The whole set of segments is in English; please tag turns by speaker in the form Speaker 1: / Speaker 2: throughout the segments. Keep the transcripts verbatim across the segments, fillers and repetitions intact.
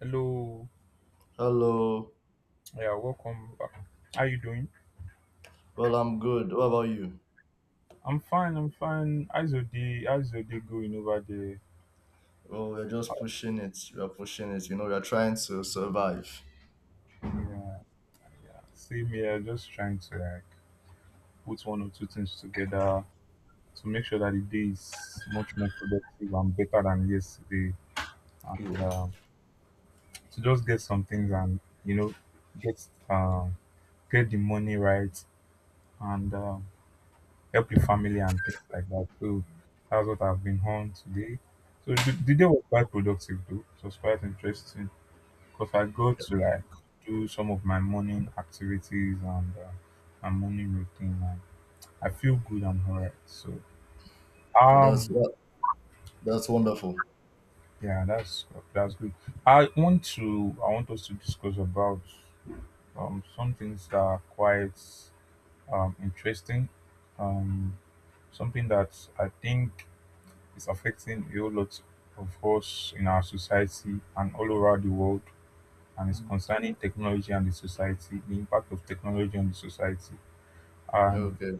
Speaker 1: Hello,
Speaker 2: Hello.
Speaker 1: yeah, welcome back. How you doing?
Speaker 2: Well, I'm good. What about you?
Speaker 1: I'm fine, I'm fine. How's your day? How's your day going over there?
Speaker 2: Well, we're just pushing it. We're pushing it. You know, we're trying to survive.
Speaker 1: Yeah, yeah. Same here, just trying to like put one or two things together to make sure that the day is much more productive and better than yesterday. And
Speaker 2: Yeah.
Speaker 1: uh, To just get some things and you know, get uh, get the money right and uh, help your family and things like that. So that's what I've been on today. So the, the day was quite productive though. It was quite interesting because I got to like do some of my morning activities and uh, my morning routine. And I feel good and alright. So
Speaker 2: So that's
Speaker 1: um
Speaker 2: that, that's wonderful.
Speaker 1: yeah, that's that's good. I want to I want us to discuss about um some things that are quite um interesting. Um Something that I think it's affecting a whole lot of us in our society and all over the world, and it's
Speaker 2: Mm.
Speaker 1: concerning technology and the society, the impact of technology on the society. And
Speaker 2: Okay.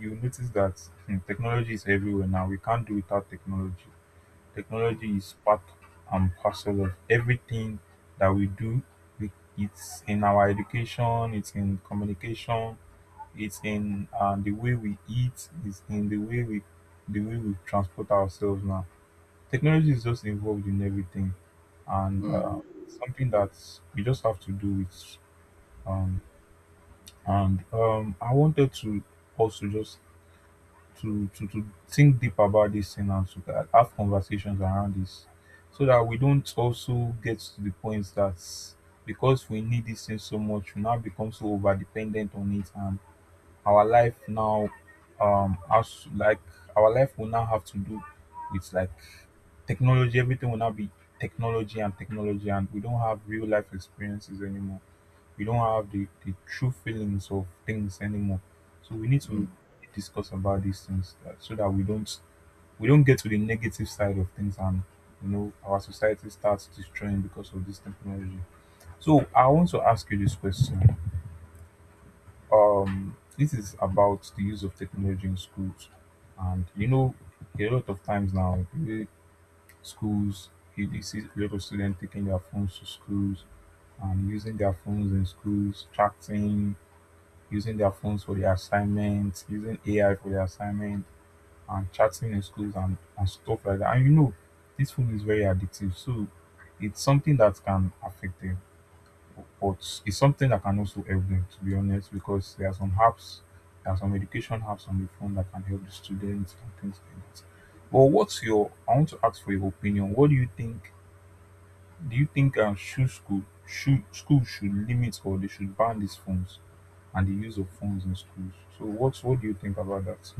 Speaker 1: you notice that hmm, technology is everywhere now. We can't do without technology. Technology is part and parcel of everything that we do. We- It's in our education, it's in communication, it's in uh, the way we eat, it's in the way we the way we transport ourselves now. Technology is just involved in everything, and uh,
Speaker 2: Mm.
Speaker 1: something that we just have to do with. Um, and um, I wanted to also just to, to to think deep about this thing and to uh, have conversations around this, so that we don't also get to the point that, because we need this thing so much, we now become so over dependent on it, and our life now um has like, our life will now have to do with like technology, everything will now be technology and technology, and we don't have real life experiences anymore, we don't have the, the true feelings of things anymore. So we need to
Speaker 2: Mm.
Speaker 1: discuss about these things, uh, so that we don't we don't get to the negative side of things, and you know, our society starts destroying because of this technology. So I want to ask you this question. Um this is about the use of technology in schools. And you know, a lot of times now, schools, you they see a lot of students taking their phones to schools and using their phones in schools, chatting, using their phones for their assignments, using A I for their assignment, and chatting in schools and, and stuff like that. And you know, this phone is very addictive. So it's something that can affect them, but it's something that can also help them, to be honest, because there are some apps, there are some education apps on the phone that can help the students and things like that. But what's your, I want to ask for your opinion. What do you think, do you think um, should school should school should limit, or they should ban these phones and the use of phones in schools? So what what do you think about that?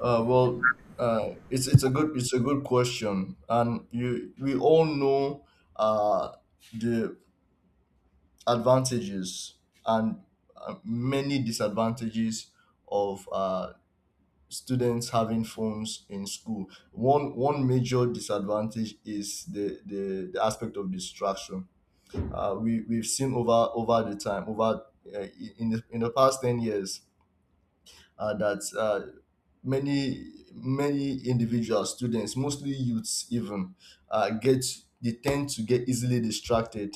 Speaker 2: Uh, well, uh, it's it's a good it's a good question, and you we all know uh, the advantages and uh, many disadvantages of uh, students having phones in school. One one major disadvantage is the the, the aspect of distraction. Uh, we we've seen over over the time over uh, in the in the past ten years uh, that uh, many many individuals, students, mostly youths, even uh, get they tend to get easily distracted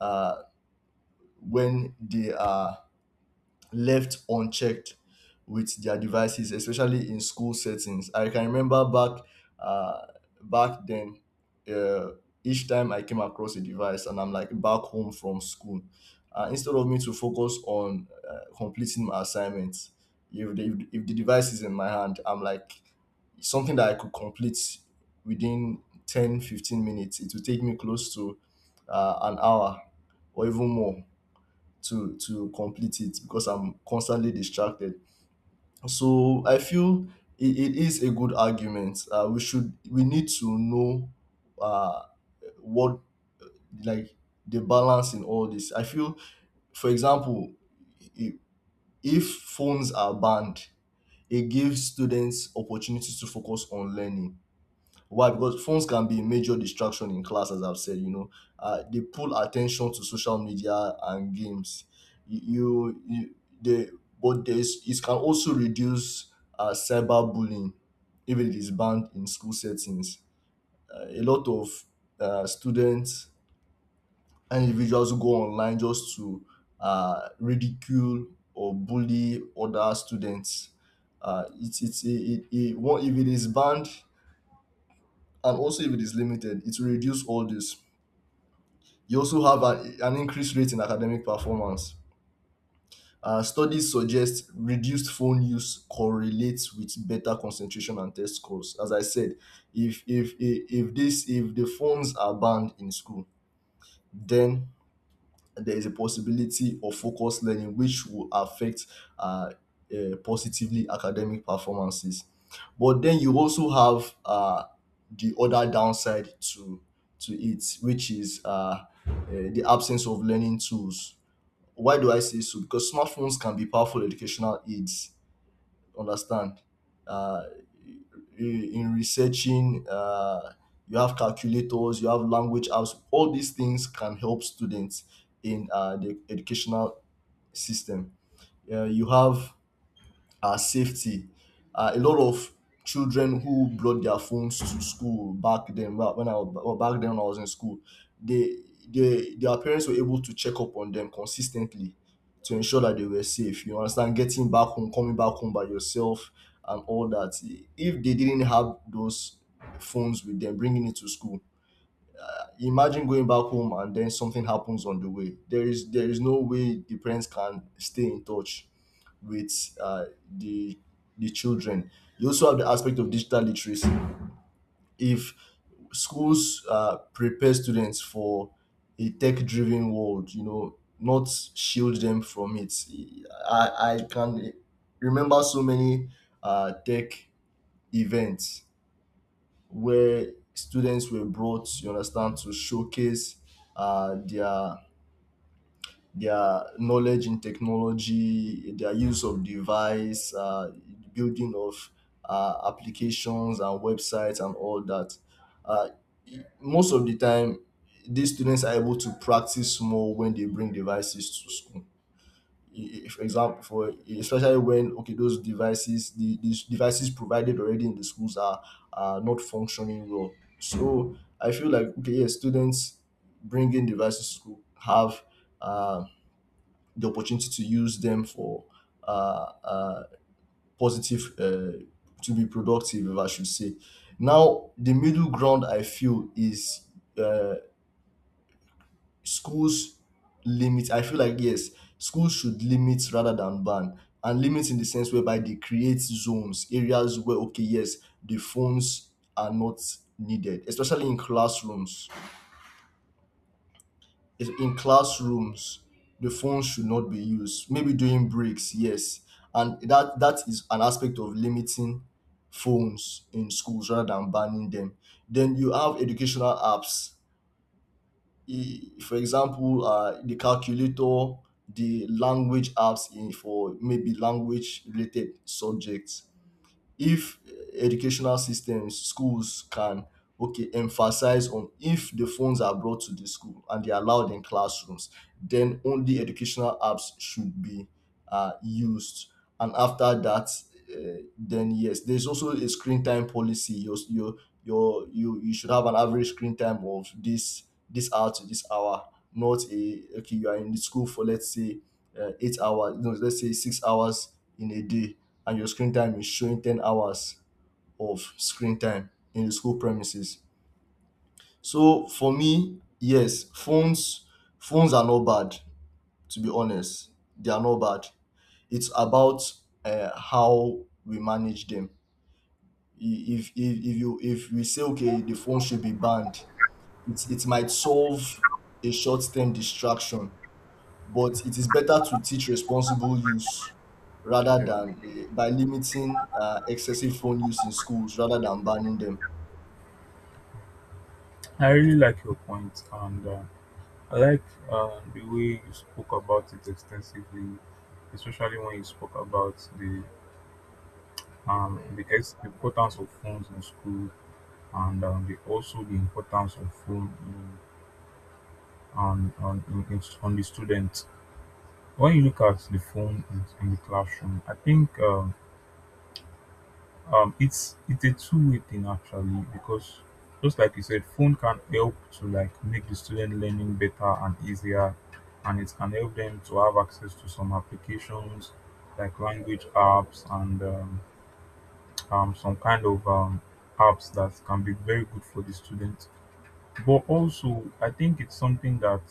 Speaker 2: uh, when they are left unchecked with their devices, especially in school settings. I can remember back uh, back then, uh, each time I came across a device and I'm like back home from school, uh, instead of me to focus on uh, completing my assignments, if the, if the device is in my hand, I'm like something that I could complete within ten fifteen minutes, it will take me close to uh, an hour or even more to to complete it because I'm constantly distracted. So I feel it, it is a good argument. Uh, we should we need to know uh, what like the balance in all this. I feel, for example, i- if phones are banned, it gives students opportunities to focus on learning. Why? Because phones can be a major distraction in class, as I've said. You know, uh, they pull attention to social media and games. You, you, you they, but there's it can also reduce uh, cyberbullying if it is banned in school settings. Uh, a lot of uh, students and individuals who go online just to uh, ridicule or bully other students. Uh, it's it's it, it, it, one- If it is banned and also, if it is limited, it will reduce all this. You also have an, an increased rate in academic performance. Uh, studies suggest reduced phone use correlates with better concentration and test scores. As I said, if if if, if this if the phones are banned in school, then there is a possibility of focused learning which will affect uh, uh, positively academic performances. But then you also have uh, the other downside to to it, which is uh, uh, the absence of learning tools. Why do I say so? Because smartphones can be powerful educational aids. Understand, uh, i- in researching, uh, you have calculators, you have language apps, all these things can help students in uh, the educational system. Uh, you have our safety. Uh, a lot of children who brought their phones to school back then, well, when I was well, back then when I was in school, they, they their parents were able to check up on them consistently to ensure that they were safe. You understand, getting back home, coming back home by yourself, and all that. If they didn't have those phones with them, bringing it to school, imagine going back home and then something happens on the way. There is there is no way the parents can stay in touch with uh, the the children. You also have the aspect of digital literacy. If schools uh, prepare students for a tech-driven world, you know, not shield them from it. I I can remember so many uh, tech events where students were brought, you understand, to showcase uh, their their knowledge in technology, their use of device, uh, building of uh, applications and websites and all that. Uh, Most of the time, these students are able to practice more when they bring devices to school, i- for example, for especially when okay, those devices the, the devices provided already in the schools are are not functioning well. So I feel like, okay, yes, students bringing devices to school have uh, the opportunity to use them for uh, uh, positive, uh, to be productive, if I should say. Now the middle ground I feel is uh, schools limit. I feel like yes, schools should limit rather than ban, and limit in the sense whereby they create zones, areas where okay, yes, the phones are not needed, especially in classrooms. If- in classrooms the phone should not be used, maybe during breaks, yes, and that that is an aspect of limiting phones in schools rather than banning them. Then you have educational apps. E- for example, uh, the calculator, the language apps, in for maybe language related subjects. If educational systems, schools can, okay, emphasize on, if the phones are brought to the school and they're allowed in classrooms, then only educational apps should be uh, used. And after that, uh, then yes, there's also a screen time policy. Your your your you you should have an average screen time of this, this hour to this hour. Not a, okay, you are in the school for let's say uh, eight hours, no, let's say six hours in a day, and your screen time is showing ten hours of screen time in the school premises. So for me, yes, phones phones are not bad. To be honest, they are not bad. It's about uh, how we manage them. I- If, if if you, if we say okay, the phone should be banned, it it might solve a short term distraction, but it is better to teach responsible use rather
Speaker 1: Yeah,
Speaker 2: than eh, by limiting uh, excessive phone use in schools rather than banning them.
Speaker 1: I really like your point, and uh, I like uh, the way you spoke about it extensively, especially when you spoke about the um the, ex- the importance of phones in school, and um, the also the importance of phone in, on on in, in, on the students. When you look at the phone in, in the classroom, I think. Um, um it's it's a two-way thing actually, because just like you said, phone can help to like make the student learning better and easier, and it can help them to have access to some applications like language apps and um, um, some kind of um, apps that can be very good for the students. But also I think it's something that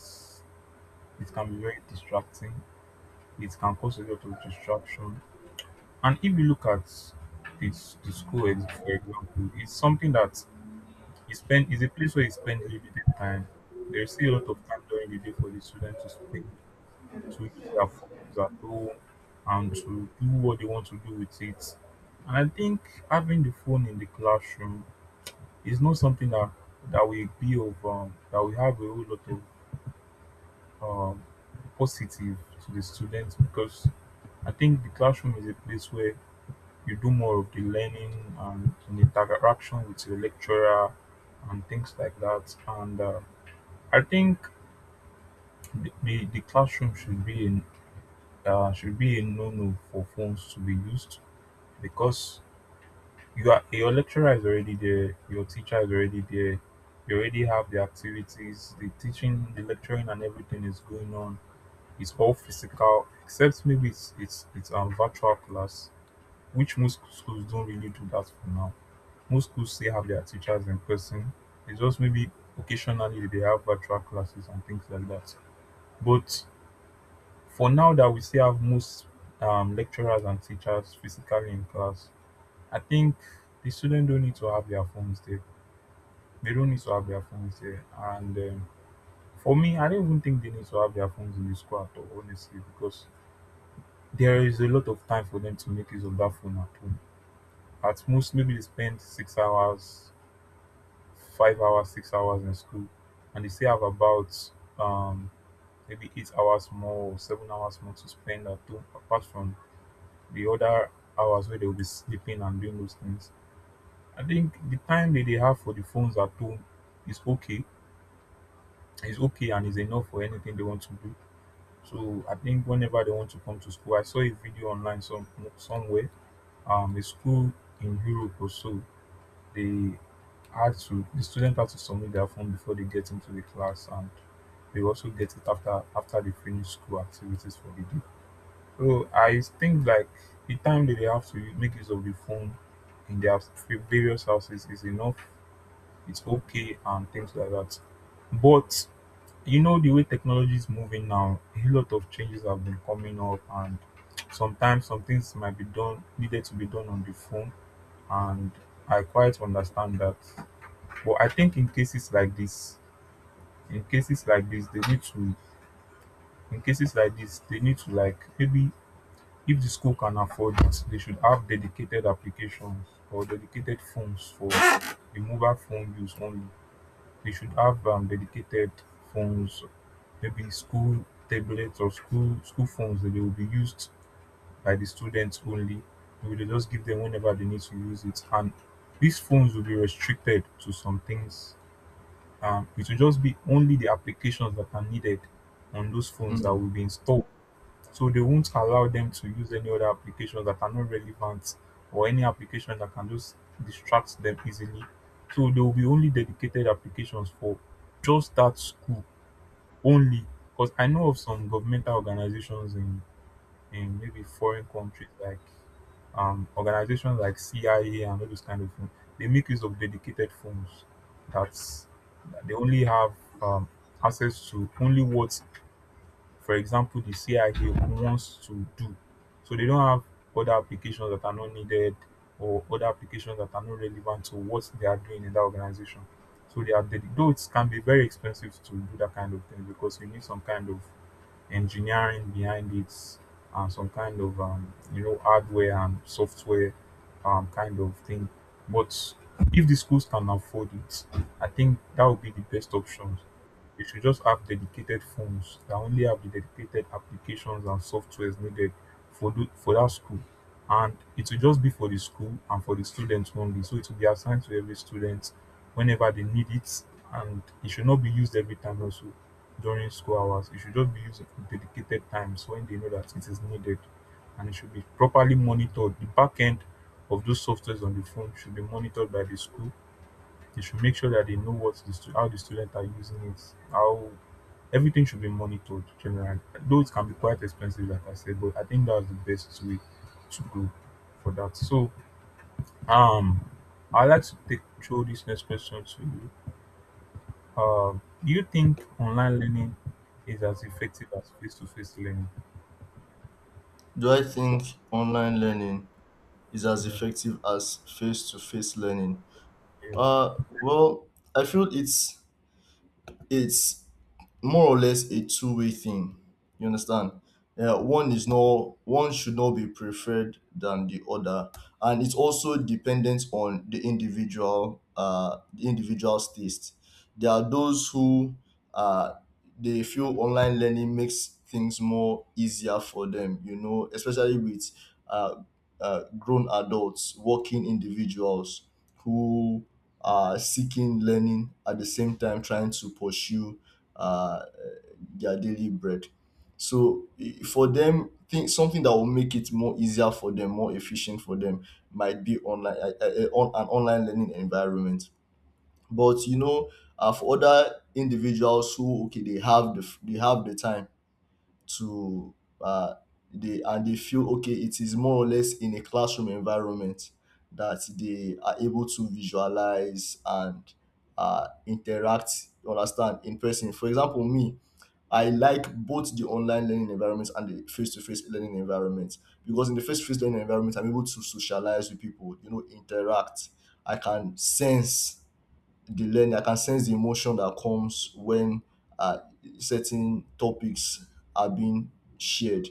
Speaker 1: it can be very distracting, it can cause a lot of distraction. And if you look at it's the school, ex- for example, it's something that He spent it's a place where you spend limited time. There's still a lot of time during the day for the students to spend to use their phones at home and to do what they want to do with it. And I think having the phone in the classroom is not something that that will be of um, that will have a whole lot of um, positive to the students, because I think the classroom is a place where you do more of the learning and, and interaction with your lecturer and things like that. And uh, I think the the the classroom should be in uh, should be a no-no for phones to be used, because you are your lecturer is already there, your teacher is already there, you already have the activities, the teaching, the lecturing, and everything is going on. It's all physical, except maybe it's it's it's a virtual class, which most schools don't really do that for now. Most schools still have their teachers in person. It's just maybe occasionally they have virtual classes and things like that. But for now that we still have most um, lecturers and teachers physically in class, I think the students don't need to have their phones there. They don't need to have their phones there. And um, for me, I don't even think they need to have their phones in the school at all, honestly, because there is a lot of time for them to make use of that phone at home. At most, maybe they spend six hours, five hours, six hours in school, and they still have about um, maybe eight hours more or seven hours more to spend at home, apart from the other hours where they will be sleeping and doing those things. I think the time that they have for the phones at home is okay. Is okay and is enough for anything they want to do. So I think whenever they want to come to school, I saw a video online some somewhere. Um, a school in Europe or so, they had to the students had to submit their phone before they get into the class, and they also get it after after they finish school activities for the day. So I think like the time that they have to make use of the phone in their various houses is enough. It's okay and things like that. But you know the way technology is moving now, a lot of changes have been coming up, and sometimes some things might be done needed to be done on the phone, and I quite understand that. But I think in cases like this, in cases like this, they need to, in cases like this, they need to like, maybe if the school can afford it, they should have dedicated applications or dedicated phones for the mobile phone use only. They should have um, dedicated phones, maybe school tablets or school school phones that they will be used by the students only. They will just give them whenever they need to use it. And these phones will be restricted to some things. Um, it will just be only the applications that are needed on those phones that
Speaker 2: Mm.
Speaker 1: will be installed, so they won't allow them to use any other applications that are not relevant, or any application that can just distract them easily. So there will be only dedicated applications for just that school only. Because I know of some governmental organizations in, in maybe foreign countries like um, organizations like C I A and all those kind of things, they make use of dedicated phones that that they only have um, access to only what, for example, the C I A wants to do. So they don't have other applications that are not needed, or other applications that are not relevant to what they are doing in that organization. So they are dedi- though it can be very expensive to do that kind of thing, because you need some kind of engineering behind it and some kind of um, you know, hardware and software um, kind of thing. But if the schools can afford it, I think that would be the best option. You should just have dedicated phones that only have the dedicated applications and softwares needed for do, for that school. And it will just be for the school and for the students only. So it will be assigned to every student whenever they need it. And it should not be used every time also during school hours. It should just be used at dedicated times when they know that it is needed. And it should be properly monitored. The back end of those softwares on the phone should be monitored by the school. They should make sure that they know what the stu- how the students are using it, how everything should be monitored generally. Though it can be quite expensive, like I said, but I think that's the best way to go for that. So, um, I'd like to take throw this next question to you. Um, do you think online learning is as effective as face to face learning?
Speaker 2: Do I think online learning is as
Speaker 1: Yeah,
Speaker 2: effective as face to face learning?
Speaker 1: yeah.
Speaker 2: Uh, well, I feel it's it's more or less a two way thing. You understand? Uh, one is not, one should not be preferred than the other, and it's also dependent on the individual uh the individual's taste. There are those who uh they feel online learning makes things more easier for them. You know, especially with uh, uh grown adults, working individuals who are seeking learning at the same time trying to pursue uh, their daily bread. So i- for them, think something that will make it more easier for them, more efficient for them, might be online, uh, uh, uh, on an online learning environment. But you know, uh, for other individuals who, okay, they have the f- they have the time to uh, they, and they feel okay, it is more or less in a classroom environment that they are able to visualize and uh, interact, you understand, in person. For example, me, I like both the online learning environments and the face-to-face learning environments, because in the face-to-face learning environment I'm able to socialize with people, you know, interact. I can sense the learning. I can sense the emotion that comes when uh, certain topics are being shared.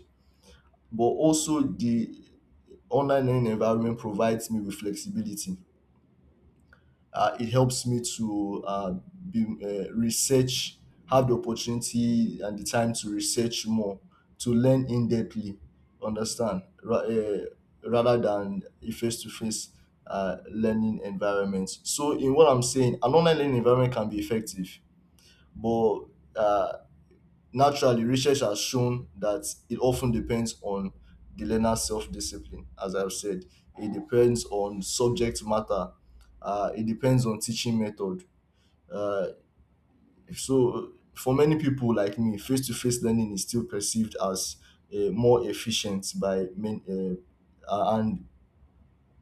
Speaker 2: But also, the online learning environment provides me with flexibility. Uh, it helps me to uh, be, uh, research, have the opportunity and the time to research more, to learn in depthly, understand, ra- uh, rather than a face to face learning environment. So, in what I'm saying, an online learning environment can be effective, but uh, naturally, research has shown that it often depends on the learner's self discipline, as I've said. It depends on subject matter, uh, it depends on teaching method. Uh, so, for many people like me, face to face learning is still perceived as uh, more efficient by many, uh, uh, and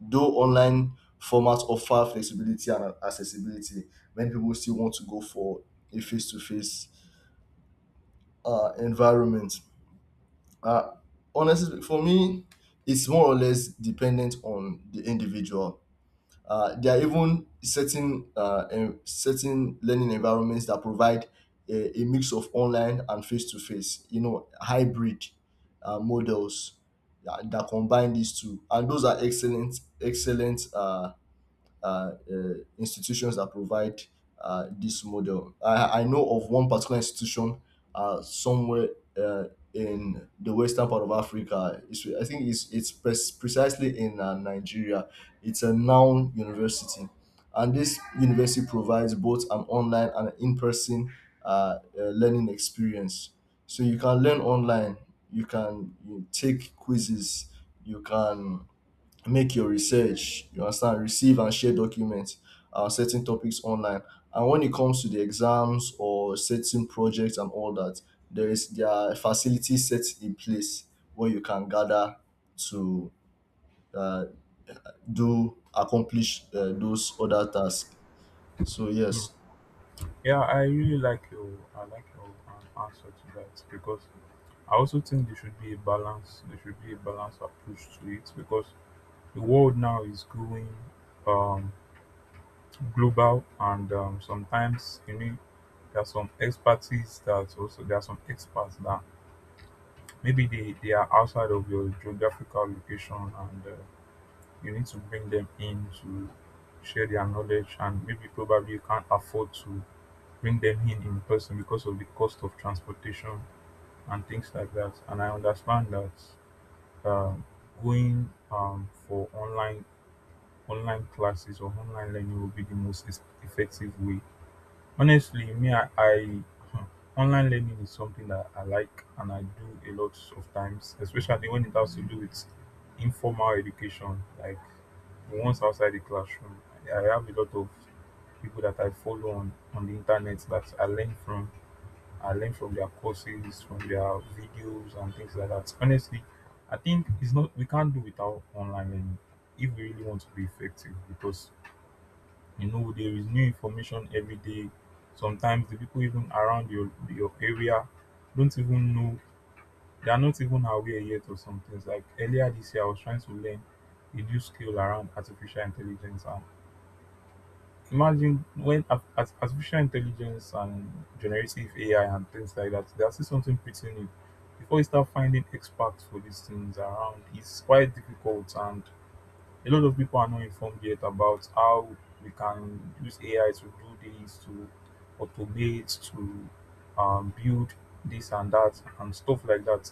Speaker 2: though online formats offer flexibility and accessibility, many people still want to go for a face to face uh environment. Uh, Honestly, for me, it's more or less dependent on the individual. Uh, there are even certain uh, en- certain learning environments that provide a, a mix of online and face to face, you know, hybrid uh, models that, that combine these two, and those are excellent excellent uh, uh, uh, institutions that provide uh, this model. I, I know of one particular institution uh, somewhere uh, in the western part of Africa. It's, I think it's it's pres- precisely in uh, Nigeria. It's a noun university, and this university provides both an online and an in-person uh, uh, learning experience. So you can learn online. You can you take quizzes. You can make your research, you understand, receive and share documents, uh, certain topics online, and when it comes to the exams or certain projects and all that, there is there are facilities set in place where you can gather to uh, do accomplish uh, those other tasks. So
Speaker 1: Hmm,
Speaker 2: yes.
Speaker 1: yeah. I really like your, I like your um, answer to that because I also think there should be a balance. There should be a balanced approach to it because the world now is growing. Um, Global and um, sometimes, you know, there are some expertise that also there are some experts that maybe they, they are outside of your geographical location and uh, you need to bring them in to share their knowledge, and maybe probably you can't afford to bring them in in person because of the cost of transportation and things like that, and I understand that. um, Going um, for online online classes or online learning will be the most es- effective way. Honestly, me, I, I hmm, online learning is something that I like and I do a lot of times, especially when it has to do with informal education, like the ones outside the classroom. I I have a lot of people that I follow on, on the internet that I learn from. I learn from their courses, from their videos and things like that. Honestly, I think it's not, we can't do without online learning if we really want to be effective, because you know there is new information every day. Sometimes the people even around your your area don't even know, they are not even aware yet of some things. Like earlier this year, I was trying to learn a new skill around artificial intelligence, and imagine when ar- ar- artificial intelligence and generative AI and things like that, they are still something pretty new. Before you start finding experts for these things around, it's quite difficult, and a lot of people are not informed yet about how we can use A I to do this, to automate, to um, build this and that, and stuff like that.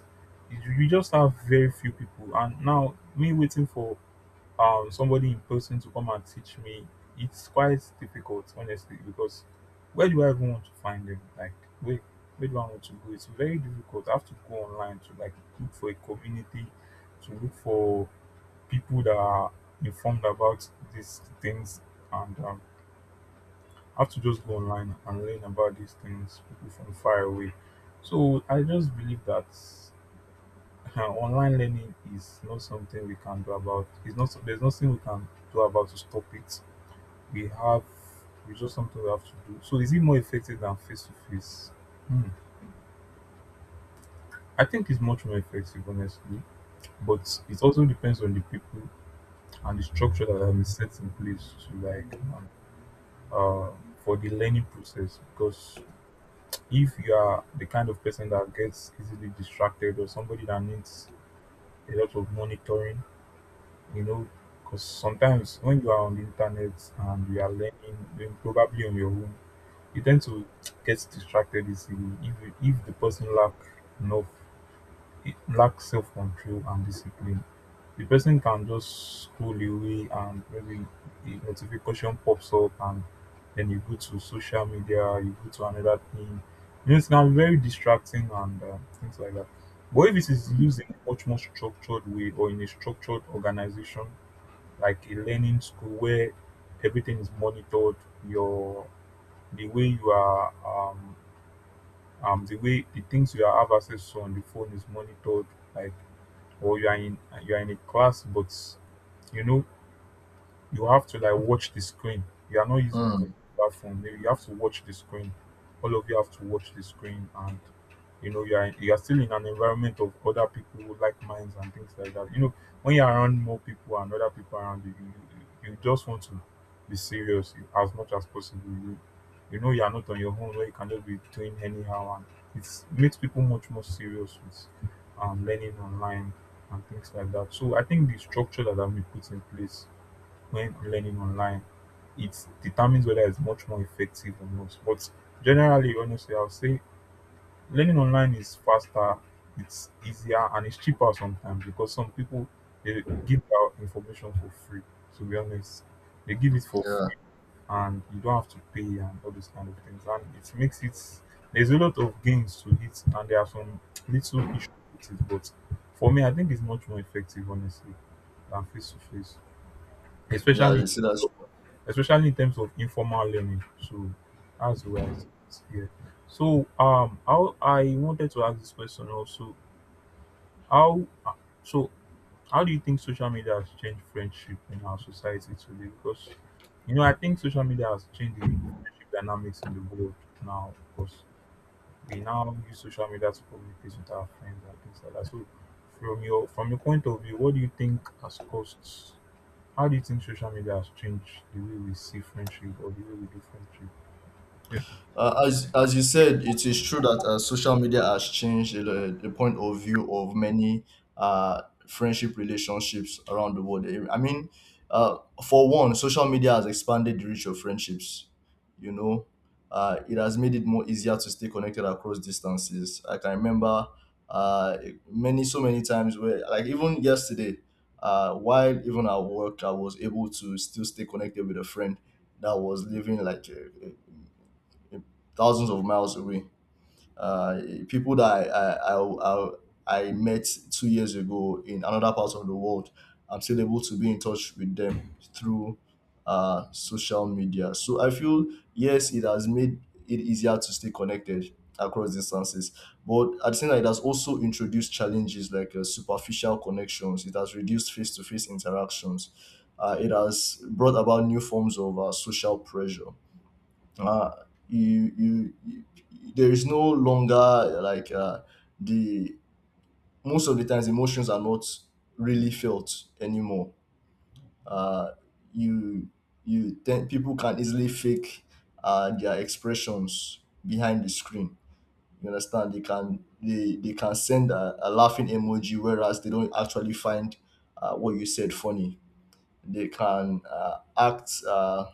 Speaker 1: You you just have very few people, and now me waiting for um, somebody in person to come and teach me, it's quite difficult, honestly, because where do I even want to find them? Like, where, where do I want to go? It's very difficult. I have to go online to like look for a community, to look for people that are informed about these things, and um, have to just go online and learn about these things, people from far away. So I just believe that uh, online learning is not something we can do about. It's not, there's nothing we can do about to stop it. We have, it's just something we have to do. So is it more effective than face to face? Hmm. I think it's much more effective, honestly. But it also depends on the people and the structure that have been set in place to like um, uh, for the learning process, because if you are the kind of person that gets easily distracted or somebody that needs a lot of monitoring, you know, because sometimes when you are on the internet and you are learning, then probably on your own, you tend to get distracted easily if, you- if the person lack enough, lack self control and discipline. The person can just scroll away, and maybe the notification pops up, and then you go to social media, you go to another thing. You know, it can very distracting and uh, things like that. But if it is used in a much more structured way or in a structured organization, like a learning school where everything is monitored, your the way you are, um, um, the way the things you have access to on the phone is monitored, like or you are in you are in a class, but you know you have to like watch the screen. You are not using it on
Speaker 2: Mm,
Speaker 1: your platform. Maybe you have to watch the screen. All of you have to watch the screen, and you know you are you are still in an environment of other people who like minds and things like that. You know, when you're around more people and other people around you, you, you you just want to be serious as much as possible. You you know you are not on your own where you can just be doing anyhow, and it makes people much more serious with um, learning online and things like that. So I think the structure that have been put in place when learning online, it determines whether it's much more effective or not. But generally, honestly, I'll say learning online is faster, it's easier, and it's cheaper sometimes because some people, they give out information for free. To be honest, they give it for
Speaker 2: yeah,
Speaker 1: free, and you don't have to pay and all those kind of things. And it makes it, there's a lot of gains to it, and there are some little issues with it. But for me, I think it's much more effective, honestly, than face to face,
Speaker 2: yeah,
Speaker 1: especially
Speaker 2: you see that's,
Speaker 1: especially in terms of informal learning. So that's the way I see it here. So um, how, I wanted to ask this question also. How so? How do you think social media has changed friendship in our society today? Because you know, I think social media has changed the friendship dynamics in the world now. Because we now use social media to communicate with our friends and things like that. So, from your from your point of view, what do you think has caused, how do you think social media has changed the way we see friendship or the way we do friendship? Yeah.
Speaker 2: Uh, as as you said, it is true that uh, social media has changed the, the point of view of many uh, friendship relationships around the world. I mean, uh, for one, social media has expanded the reach of friendships. You know, uh, it has made it more easier to stay connected across distances. I can remember uh, many so many times where, like even yesterday, uh, while even at work, I was able to still stay connected with a friend that was living like a, thousands of miles away. Uh, People that I, I, I, I, I met two years ago in another part of the world, I'm still able to be in touch with them through uh, social media. So I feel, yes, it has made it easier to stay connected across distances. But at the same time, it has also introduced challenges like uh, superficial connections, it has reduced face to face interactions, uh, it has brought about new forms of uh, social pressure. Uh you you, you There is no longer like uh the most of the times emotions are not really felt anymore. uh you you tend, people can easily fake uh their expressions behind the screen, you understand. They can they they can send a, a laughing emoji whereas they don't actually find uh, what you said funny. They can uh, act uh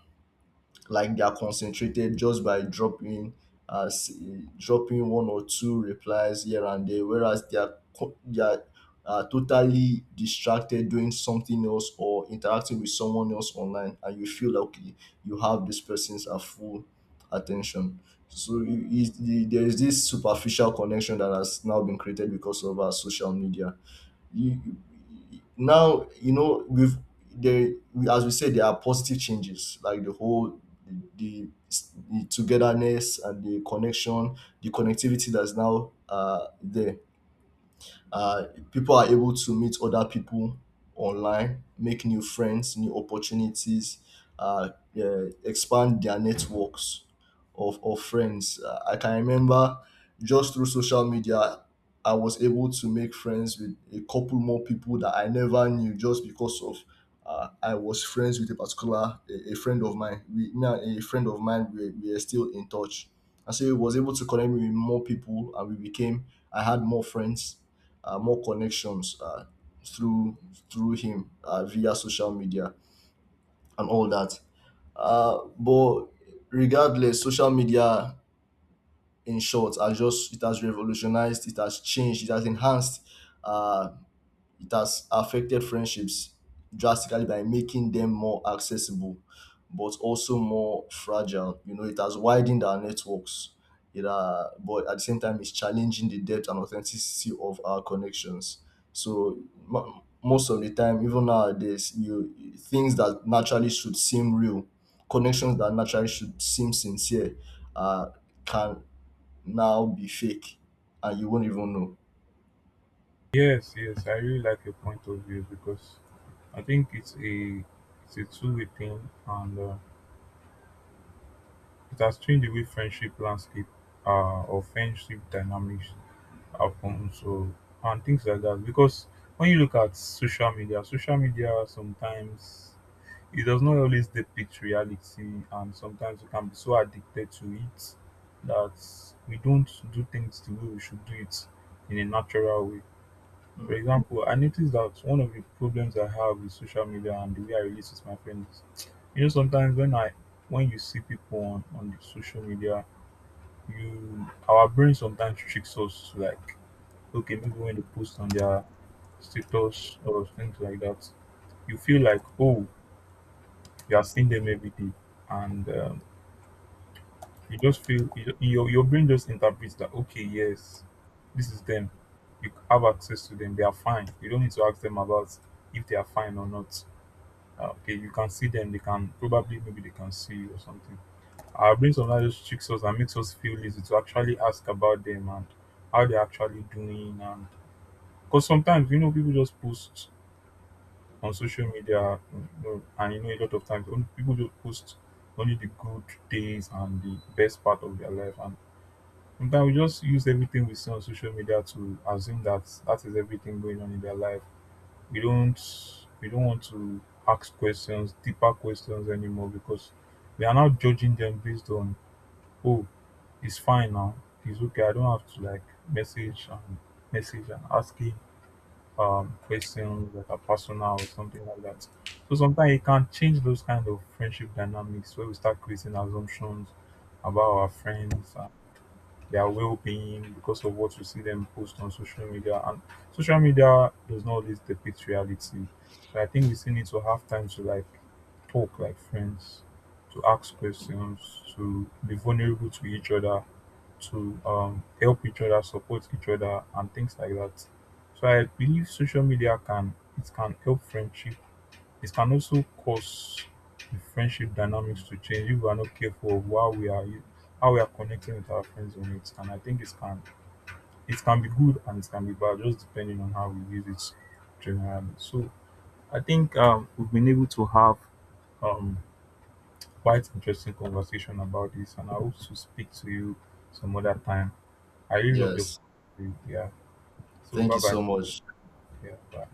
Speaker 2: like they are concentrated just by dropping as dropping one or two replies here and there, whereas they are co- they are uh, totally distracted doing something else or interacting with someone else online, and you feel like okay, you have this person's uh, full attention. So it, it, the, there is this superficial connection that has now been created because of our social media. you, you- Now you know, we've, there we, as we said, there are positive changes like the whole the, the togetherness and the connection the connectivity that's now uh there. uh, People are able to meet other people online, make new friends, new opportunities, uh, yeah, expand their networks of, of friends. Uh, I can remember, just through social media, I was able to make friends with a couple more people that I never knew just because of. Uh, I was friends with a particular a, a friend of mine. We now A friend of mine. We, we are still in touch, and so he was able to connect me with more people, and we became. I had more friends, uh, more connections uh, through through him uh, via social media and all that. Uh, but regardless, social media, in short, are just it has revolutionized, it has changed, it has enhanced, uh, it has affected friendships drastically by making them more accessible, but also more fragile. You know, it has widened our networks. It, uh, but at the same time, it's challenging the depth and authenticity of our connections. So mo most of the time, even nowadays, you, things that naturally should seem real, connections that naturally should seem sincere, uh, can now be fake, and you won't even know.
Speaker 1: Yes, yes, I really like your point of view because I think it's a, it's a two way thing, and uh, it has changed the way friendship landscape uh, or friendship dynamics happen. So, and things like that, because when you look at social media, social media sometimes, it does not always depict reality, and sometimes we can be so addicted to it that we don't do things the way we should do it in a natural way. For example, I noticed that one of the problems I have with social media and the way I relate with my friends is, you know sometimes when I, when you see people on, on the social media, you, our brain sometimes tricks us to like, okay, maybe when they post on their status or things like that, you feel like, oh, you are seeing them every day, and um, you just feel you- your your brain just interprets that, okay, yes, this is them. You have access to them. They are fine. You don't need to ask them about if they are fine or not. Uh, okay, you can see them. They can probably, maybe they can see you or something. Our brain sometimes just tricks us and makes us feel lazy to actually ask about them and how they're actually doing. And because sometimes you know people just post on social media, you know, and you know, a lot of times, only- people just post only the good days and the best part of their life, and sometimes we just use everything we see on social media to assume that that is everything going on in their life. We don't, we don't want to ask questions, deeper questions anymore because we are now judging them based on, oh, it's fine now, it's okay. I don't have to like message and message and asking um questions that are personal or something like that. So sometimes it can change those kind of friendship dynamics where we start creating assumptions about our friends, their well-being, because of what we see them post on social media. And social media does not always depict reality, so I think we still need to have time to like talk like friends, to ask questions, to be vulnerable to each other, to um, help each other, support each other, and things like that. So I believe social media can, it can help friendship, it can also cause the friendship dynamics to change if we are not careful of how we are, how we are connecting with our friends on it. And I think it can, it can be good and it can be bad, just depending on how we use it generally. So I think um, we've been able to have um, quite interesting conversation about this, and I hope to speak to you some other time. I really love the,
Speaker 2: Yes.
Speaker 1: yeah. So
Speaker 2: Thank
Speaker 1: bye
Speaker 2: you
Speaker 1: bye.
Speaker 2: so much.
Speaker 1: Yeah, bye.